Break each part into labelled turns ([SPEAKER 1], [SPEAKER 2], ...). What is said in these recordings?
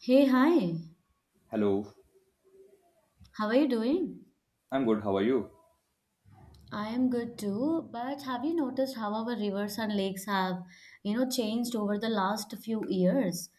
[SPEAKER 1] Hey, hi.
[SPEAKER 2] Hello,
[SPEAKER 1] How are you doing?
[SPEAKER 2] I'm good. How are you?
[SPEAKER 1] I am good too, but have you noticed how our rivers and lakes have, changed over the last few years?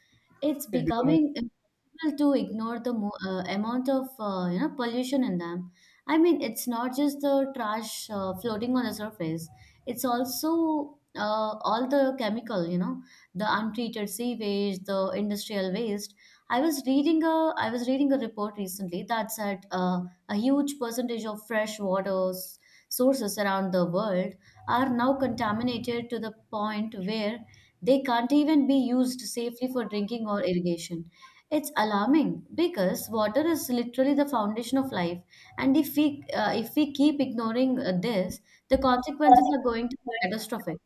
[SPEAKER 1] It's
[SPEAKER 2] It becoming
[SPEAKER 1] becoming impossible to ignore the amount of, pollution in them. I mean, it's not just the trash floating on the surface. It's also all the chemical, the untreated sewage, the industrial waste. I was reading a report recently that said a huge percentage of fresh waters sources around the world are now contaminated to the point where they can't even be used safely for drinking or irrigation. It's alarming because water is literally the foundation of life, and if we keep ignoring this, the consequences are going to be catastrophic.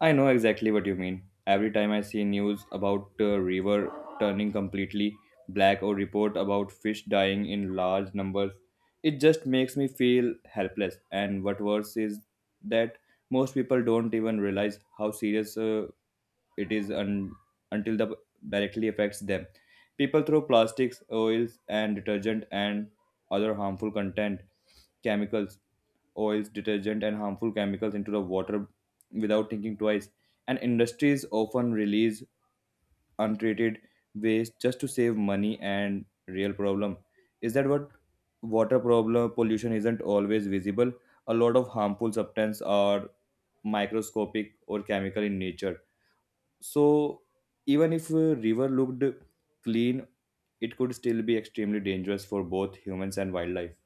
[SPEAKER 2] I know exactly what you mean. Every time I see news about a river turning completely black or report about fish dying in large numbers, it just makes me feel helpless. And what worse is that most people don't even realize how serious it is until the directly affects them. People throw plastics, oils, and detergent and other harmful content, chemicals, oils, detergent, and harmful chemicals into the water without thinking twice. And industries often release untreated waste just to save money and real problem is that what water problem pollution isn't always visible. A lot of harmful substances are microscopic or chemical in nature. So even if a river looked clean, it could still be extremely dangerous for both humans and wildlife.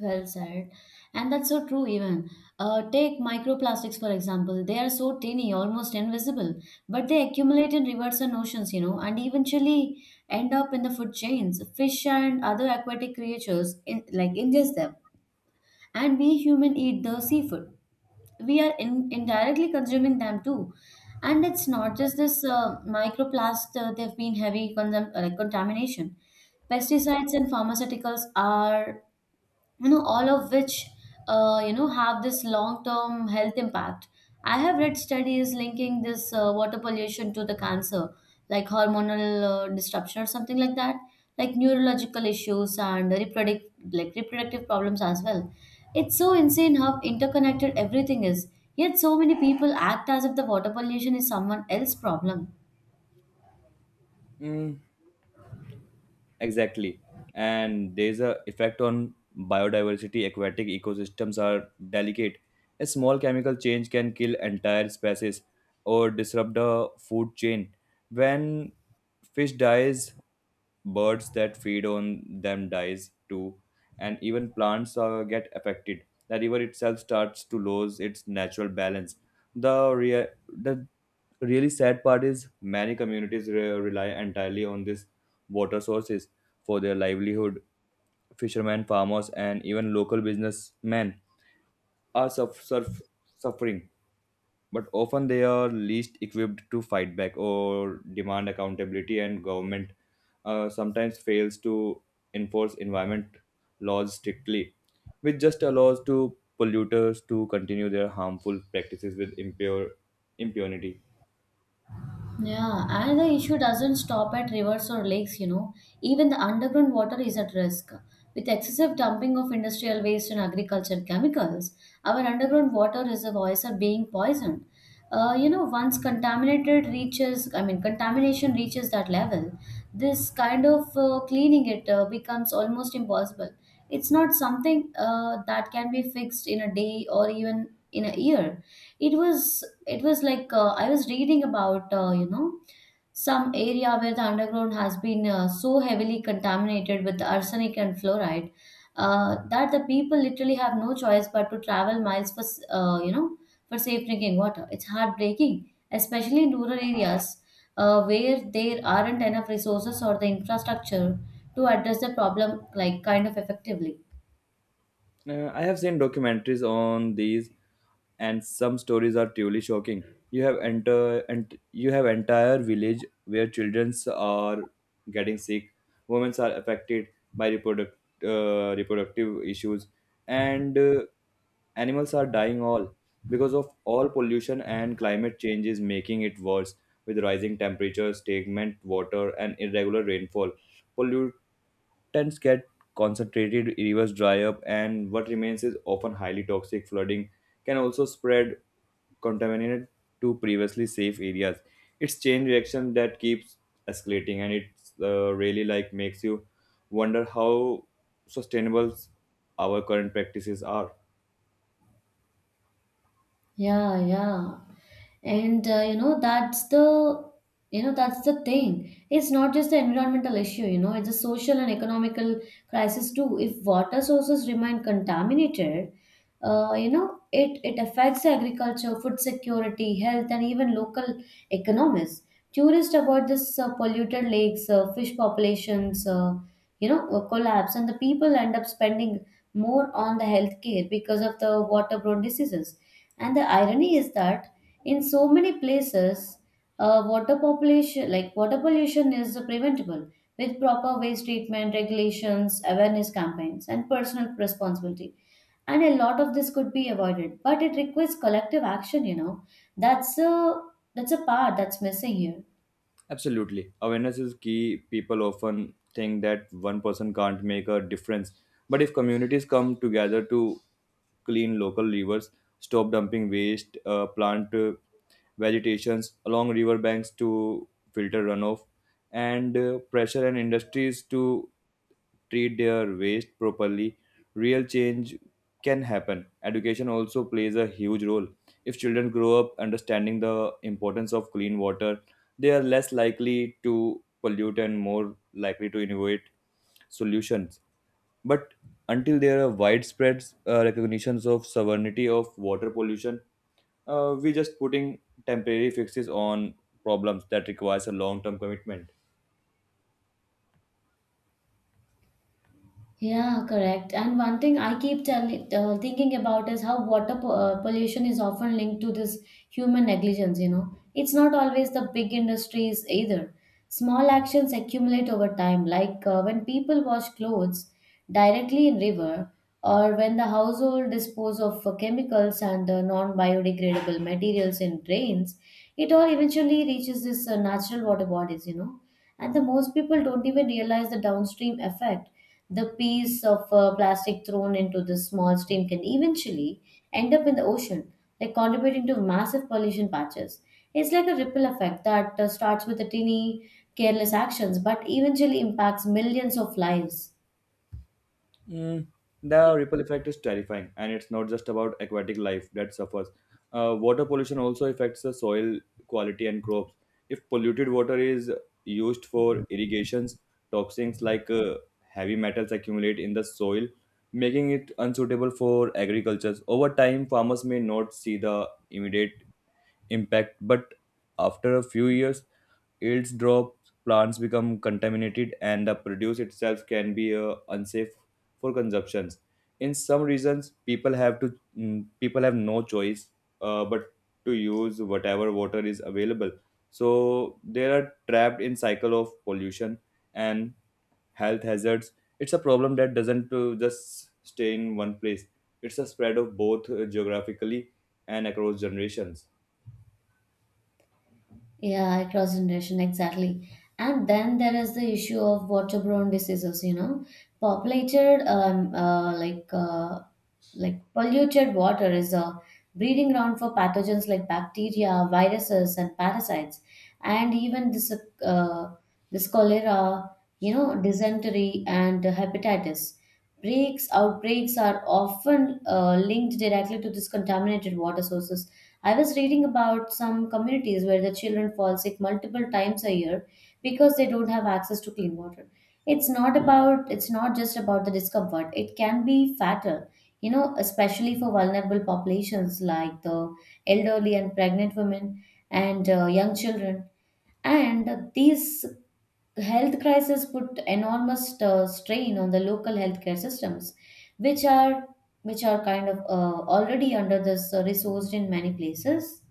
[SPEAKER 1] Well said. And that's so true, even. Take microplastics, for example. They are so tiny, almost invisible, but they accumulate in rivers and oceans, and eventually end up in the food chains. Fish and other aquatic creatures like ingest them, and we human eat the seafood. We are indirectly consuming them too. And it's not just this they've been like contamination. Pesticides and pharmaceuticals are all of which have this long term health impact. I have read studies linking this water pollution to the cancer, like hormonal disruption or something like that, like neurological issues and reproductive problems as well. It's so insane how interconnected everything is, yet so many people act as if the water pollution is someone else's problem.
[SPEAKER 2] Mm, exactly. And there's a effect on biodiversity. Aquatic ecosystems are delicate. A small chemical change can kill entire species or disrupt the food chain. When fish dies, birds that feed on them dies too, and even plants get affected. The river itself starts to lose its natural balance. The really sad part is many communities rely entirely on these water sources for their livelihood, fishermen, farmers, and even local businessmen are suffering, but often they are least equipped to fight back or demand accountability. And government sometimes fails to enforce environment laws strictly, which just allows to polluters to continue their harmful practices with impure impunity.
[SPEAKER 1] Yeah, and the issue doesn't stop at rivers or lakes, you know. Even the underground water is at risk. With excessive dumping of industrial waste and agricultural chemicals, our underground water reservoirs are being poisoned. Once I mean, contamination reaches that level, this kind of cleaning it becomes almost impossible. It's not something that can be fixed in a day or even in a year. It was like I was reading about some area where the underground has been so heavily contaminated with arsenic and fluoride, that the people literally have no choice but to travel miles for for safe drinking water. It's heartbreaking, especially in rural areas where there aren't enough resources or the infrastructure to address the problem like kind of effectively.
[SPEAKER 2] I have seen documentaries on these, and some stories are truly shocking. You have entire village where children are getting sick, women are affected by reproductive issues, and animals are dying all because of all pollution. And climate change is making it worse with rising temperatures, stagnant water, and irregular rainfall. Pollu- Tons get concentrated, rivers dry up, and what remains is often highly toxic. Flooding can also spread contaminated to previously safe areas. It's chain reaction that keeps escalating, and it's really like makes you wonder how sustainable our current practices are.
[SPEAKER 1] Yeah, yeah. And that's that's the thing. It's not just the environmental issue, you know, it's a social and economical crisis too. If water sources remain contaminated, it affects agriculture, food security, health, and even local economies. Tourists avoid this polluted lakes, fish populations, collapse, and the people end up spending more on the healthcare because of the waterborne diseases. And the irony is that in so many places, like water pollution, is preventable with proper waste treatment regulations, awareness campaigns, and personal responsibility. And a lot of this could be avoided, but it requires collective action. You know, that's a that's a part that's missing here.
[SPEAKER 2] Absolutely. Awareness is key. People often think that one person can't make a difference. But if communities come together to clean local rivers, stop dumping waste, plant vegetations along river banks to filter runoff, and pressure and industries to treat their waste properly, real change can happen. Education also plays a huge role. If children grow up understanding the importance of clean water, they are less likely to pollute and more likely to innovate solutions. But until there are widespread recognitions of sovereignty of water pollution, we just putting temporary fixes on problems that requires a long-term commitment.
[SPEAKER 1] Yeah, correct. And one thing I keep thinking about is how pollution is often linked to this human negligence, you know. It's not always the big industries either. Small actions accumulate over time, like when people wash clothes directly in river, or when the household dispose of chemicals and non-biodegradable materials in drains, it all eventually reaches this natural water bodies, you know. And the most people don't even realize the downstream effect. The piece of plastic thrown into this small stream can eventually end up in the ocean, like contributing to massive pollution patches. It's like a ripple effect that starts with a teeny careless actions but eventually impacts millions of lives.
[SPEAKER 2] Mm, the ripple effect is terrifying, and it's not just about aquatic life that suffers. Water pollution also affects the soil quality and crops. If polluted water is used for irrigations, toxins like heavy metals accumulate in the soil, making it unsuitable for agriculture. Over time, farmers may not see the immediate impact, but after a few years, yields drop, plants become contaminated, and the produce itself can be unsafe for consumptions. In some regions, people have no choice but to use whatever water is available. So they are trapped in cycle of pollution and health hazards. It's a problem that doesn't just stay in one place. It's a spread of both geographically and across generations.
[SPEAKER 1] Yeah, cross generation, exactly. And then there is the issue of waterborne diseases, you know. Populated, like polluted water is a breeding ground for pathogens like bacteria, viruses, and parasites. And even this, uh, this cholera, you know, dysentery and hepatitis. Outbreaks are often linked directly to these contaminated water sources. I was reading about some communities where the children fall sick multiple times a year because they don't have access to clean water. It's not just about the discomfort. It can be fatal, you know, especially for vulnerable populations like the elderly and pregnant women and young children. And these health crises put enormous strain on the local healthcare systems, which are which are kind of already under this resourced in many places.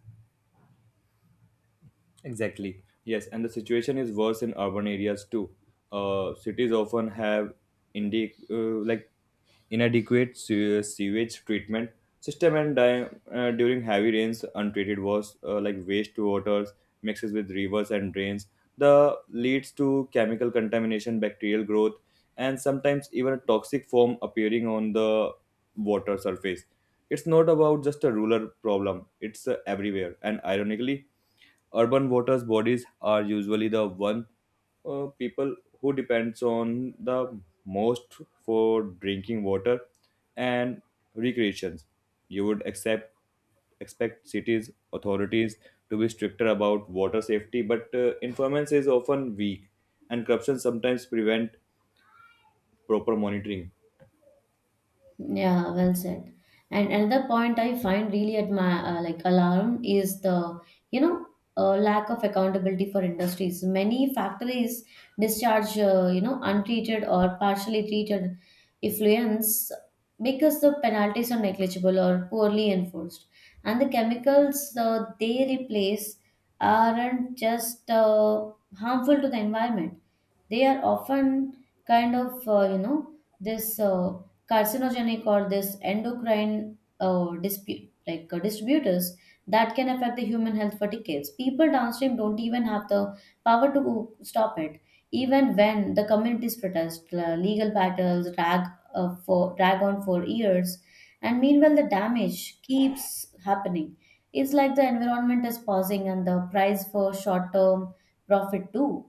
[SPEAKER 2] Exactly. Yes, and the situation is worse in urban areas too. Cities often have indi- uh, like inadequate sewage treatment system, and during heavy rains, untreated waste waters mixes with rivers and drains. The leads to chemical contamination, bacterial growth, and sometimes even a toxic foam appearing on the water surface. It's not about just a rural problem; it's everywhere, and ironically urban water bodies are usually the one people who depends on the most for drinking water and recreations. You would accept expect cities authorities to be stricter about water safety, but enforcement is often weak, and corruption sometimes prevent proper monitoring.
[SPEAKER 1] Yeah, well said. And another point I find really at my like alarm is the you know lack of accountability for industries. Many factories discharge untreated or partially treated effluents because the penalties are negligible or poorly enforced, and the chemicals they replace aren't just harmful to the environment. They are often kind of this. Carcinogenic or this endocrine dispute like distributors that can affect the human health for decades. People downstream don't even have the power to stop it, even when the communities protest, legal battles drag on for years, and meanwhile the damage keeps happening. It's like the environment is pausing and the price for short term profit too.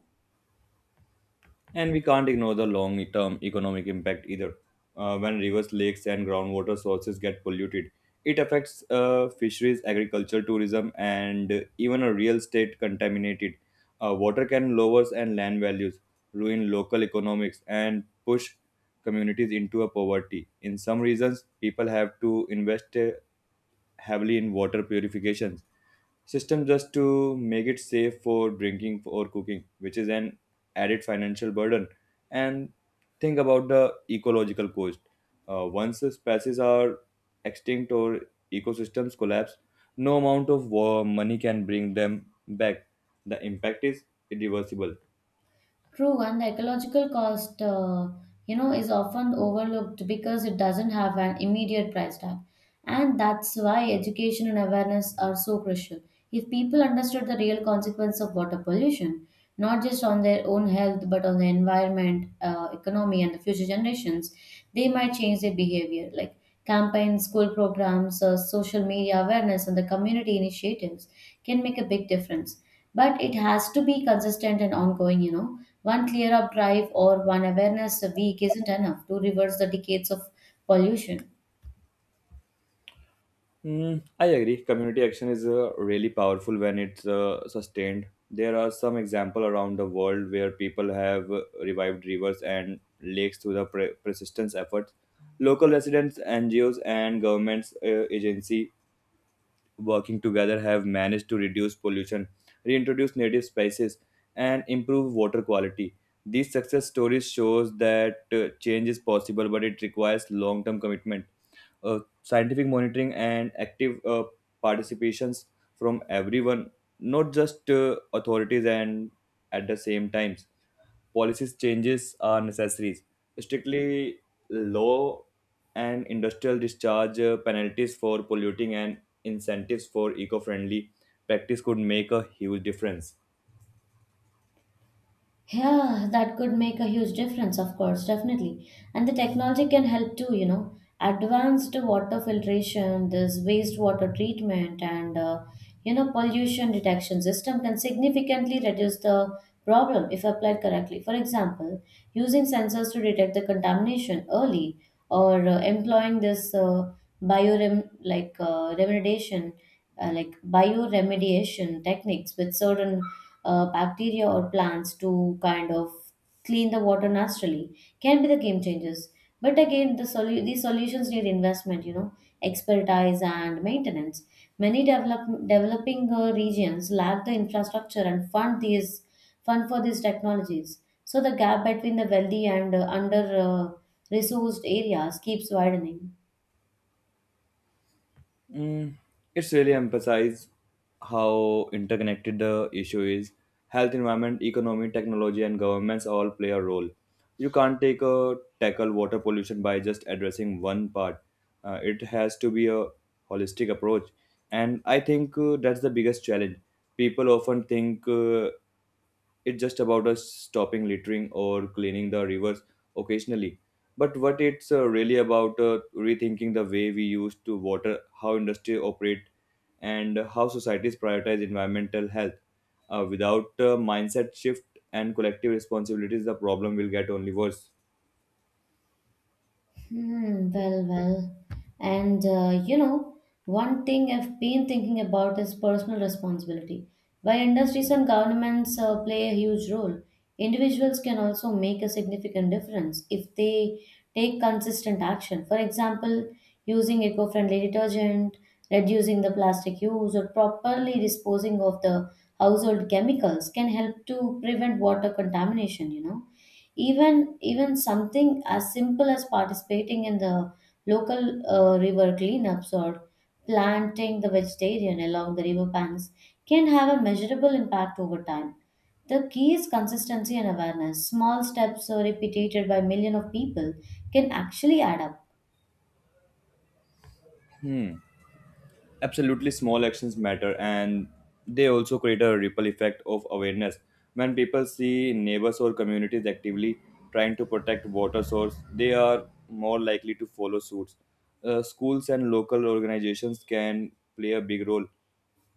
[SPEAKER 2] And we can't ignore the long term economic impact either. When rivers, lakes, and groundwater sources get polluted, it affects fisheries, agriculture, tourism, and even a real estate contaminated. Water can lower and land values, ruin local economics, and push communities into a poverty. In some regions, people have to invest. Heavily in water purification system just to make it safe for drinking or cooking, which is an added financial burden. And think about the ecological cost. Once the species are extinct or ecosystems collapse, no amount of war money can bring them back. The impact is irreversible.
[SPEAKER 1] True, and the ecological cost, is often overlooked because it doesn't have an immediate price tag. And that's why education and awareness are so crucial. If people understood the real consequence of water pollution, not just on their own health, but on the environment, economy, and the future generations, they might change their behavior, like campaigns, school programs, social media awareness, and the community initiatives can make a big difference. But it has to be consistent and ongoing, you know. One clear up drive or one awareness a week isn't enough to reverse the decades of pollution.
[SPEAKER 2] Mm, I agree. Community action is really powerful when it's sustained. There are some example around the world where people have revived rivers and lakes through the persistence efforts. Local residents, NGOs, and governments agency working together have managed to reduce pollution, reintroduce native species, and improve water quality. These success stories shows that change is possible, but it requires long-term commitment, scientific monitoring, and active participations from everyone, not just authorities. And at the same times, policies changes are necessary. Strictly law and industrial discharge, penalties for polluting and incentives for eco-friendly practice could make a huge difference.
[SPEAKER 1] Yeah, that could make a huge difference, of course, definitely. And the technology can help too, you know. Advanced water filtration, this wastewater treatment, and pollution detection system can significantly reduce the problem if applied correctly. For example, using sensors to detect the contamination early, or employing this biorem like remediation, bioremediation techniques with certain bacteria or plants to kind of clean the water naturally can be the game changers. But again, these solutions need investment, you know, expertise and maintenance. Many developing regions lack the infrastructure and fund for these technologies. So the gap between the wealthy and under uh, resourced areas keeps widening.
[SPEAKER 2] Mm, it's really emphasized how interconnected the issue is. Health, environment, economy, technology, and governments all play a role. You can't take a tackle water pollution by just addressing one part. It has to be a holistic approach, and I think that's the biggest challenge. People often think it's just about us stopping littering or cleaning the rivers occasionally. But what it's really about rethinking the way we used to water, how industry operate, and how societies prioritize environmental health. Without mindset shift and collective responsibilities, the problem will get only worse.
[SPEAKER 1] Hmm, well, well. And one thing I've been thinking about is personal responsibility. While industries and governments play a huge role, individuals can also make a significant difference if they take consistent action. For example, using eco friendly detergent, reducing the plastic use, or properly disposing of the household chemicals can help to prevent water contamination, you know. Even something as simple as participating in the local river cleanups or planting the vegetarian along the river banks can have a measurable impact over time. The key is consistency and awareness. Small steps repeated by millions of people can actually add up.
[SPEAKER 2] Hmm. Absolutely, small actions matter, and they also create a ripple effect of awareness. When people see neighbors or communities actively trying to protect water source, they are more likely to follow suits. Schools and local organizations can play a big role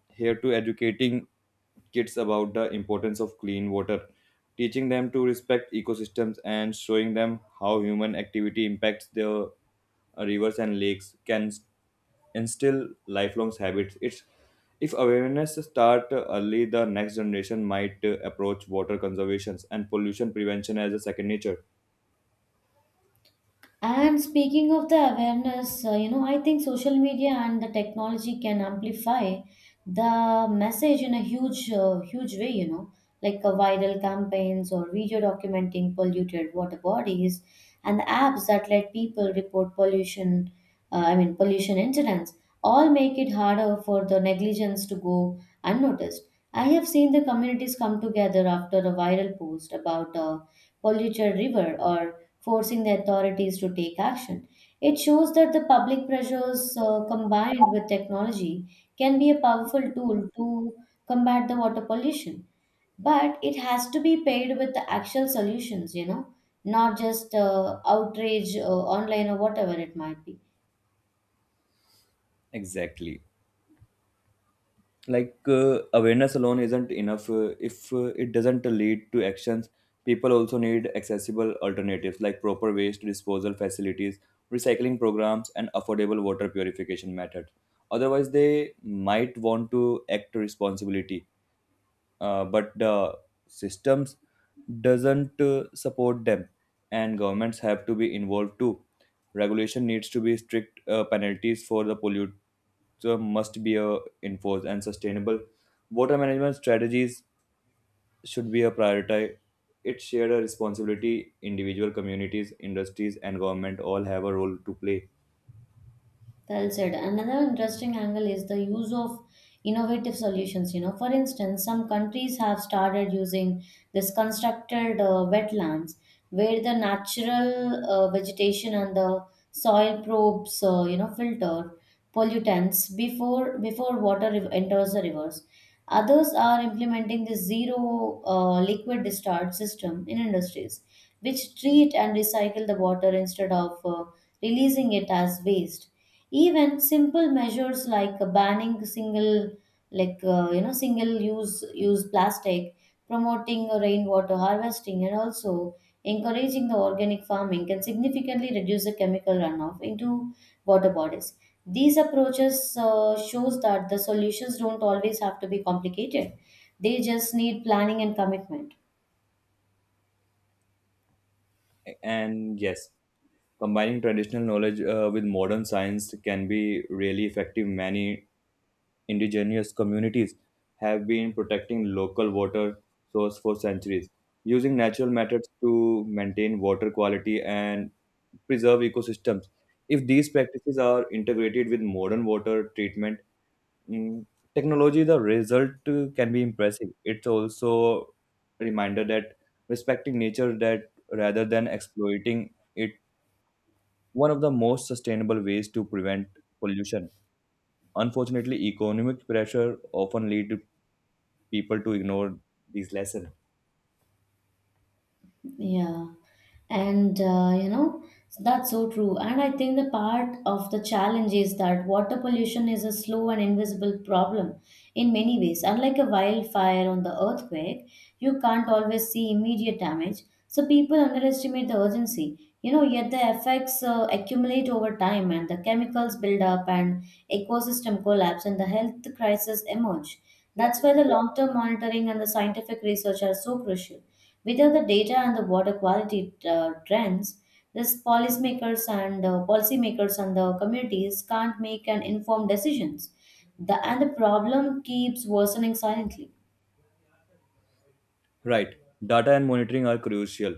[SPEAKER 2] here to educating kids about the importance of clean water, teaching them to respect ecosystems and showing them how human activity impacts their rivers and lakes can instill lifelong habits. It's if awareness start early, the next generation might approach water conservation and pollution prevention as a second nature.
[SPEAKER 1] And speaking of the awareness, I think social media and the technology can amplify the message in a huge way, you know, like viral campaigns or video documenting polluted water bodies and the apps that let people report pollution, pollution incidents, all make it harder for the negligence to go unnoticed. I have seen the communities come together after a viral post about a polluted river or forcing the authorities to take action. It shows that the public pressures combined with technology can be a powerful tool to combat the water pollution. But it has to be paired with the actual solutions, you know, not just outrage online or whatever it might be.
[SPEAKER 2] Exactly. Like awareness alone isn't enough if it doesn't lead to actions. People also need accessible alternatives like proper waste disposal facilities, recycling programs, and affordable water purification methods. Otherwise they might want to act responsibility, but the systems doesn't support them. And governments have to be involved too. Regulation needs to be strict, penalties for the polluter must be enforced, and sustainable water management strategies should be a priority. It's shared a responsibility, individual communities, industries, and government all have a role to play.
[SPEAKER 1] Well said. Another interesting angle is the use of innovative solutions. You know, for instance, some countries have started using this constructed wetlands where the natural vegetation and the soil probes, filter pollutants before water enters the rivers. Others are implementing this zero liquid discharge system in industries, which treat and recycle the water instead of releasing it as waste. Even simple measures like banning single, like you know, single use plastic, promoting rainwater harvesting, and also encouraging the organic farming can significantly reduce the chemical runoff into water bodies. These approaches shows that the solutions don't always have to be complicated. They just need planning and commitment.
[SPEAKER 2] And yes, combining traditional knowledge with modern science can be really effective. Many indigenous communities have been protecting local water source for centuries, using natural methods to maintain water quality and preserve ecosystems. If these practices are integrated with modern water treatment, mm, technology, the result can be impressive. It's also a reminder that respecting nature that rather than exploiting it one of the most sustainable ways to prevent pollution. Unfortunately economic pressure often lead people to ignore these lessons.
[SPEAKER 1] Yeah. And that's so true. And I think the part of the challenge is that water pollution is a slow and invisible problem in many ways. Unlike a wildfire or the earthquake, you can't always see immediate damage. So people underestimate the urgency. You know, yet the effects accumulate over time, and the chemicals build up, and ecosystem collapse, and the health crisis emerge. That's why the long term monitoring and the scientific research are so crucial. Without the data and the water quality trends, this policymakers and policymakers and the communities can't make an informed decisions. And the problem keeps worsening silently.
[SPEAKER 2] Right. Data and monitoring are crucial,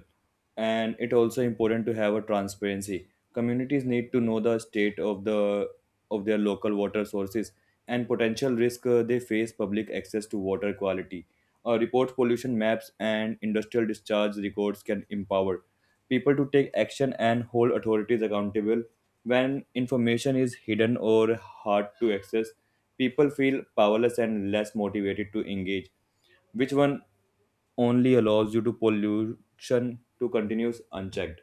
[SPEAKER 2] and it also important to have a transparency. Communities need to know the state of their local water sources and potential risk they face. Public access to water quality reports, pollution maps, and industrial discharge records can empower people to take action and hold authorities accountable. When information is hidden or hard to access, people feel powerless and less motivated to engage, which one only allows you to pollution to continue unchecked.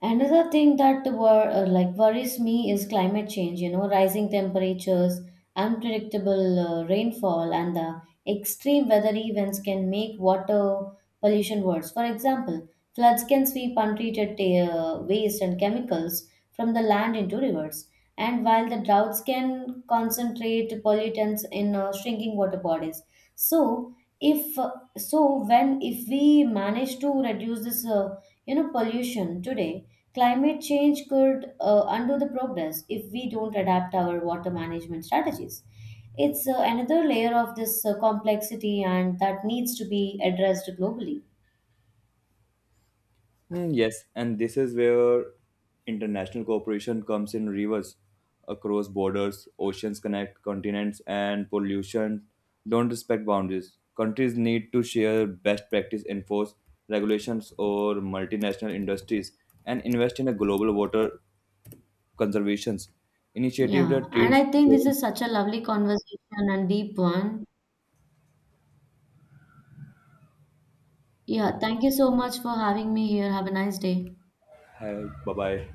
[SPEAKER 1] Another thing that like worries me is climate change, you know, rising temperatures, unpredictable rainfall, and the extreme weather events can make water pollution worse. For example, floods can sweep untreated waste and chemicals from the land into rivers. And while the droughts can concentrate pollutants in shrinking water bodies. So, if so when if we manage to reduce this pollution today, climate change could undo the progress if we don't adapt our water management strategies. It's another layer of this complexity and that needs to be addressed globally.
[SPEAKER 2] Mm, yes, and this is where international cooperation comes in reverse. Across borders, oceans connect continents, and pollution don't respect boundaries. Countries need to share best practice, enforce regulations or multinational industries, and invest in a global water conservation initiative
[SPEAKER 1] Yeah,
[SPEAKER 2] that
[SPEAKER 1] and
[SPEAKER 2] treats
[SPEAKER 1] I think this
[SPEAKER 2] joint.
[SPEAKER 1] is such a lovely conversation and deep one. Yeah, thank you so much for having me here. Have a nice day.
[SPEAKER 2] Bye bye.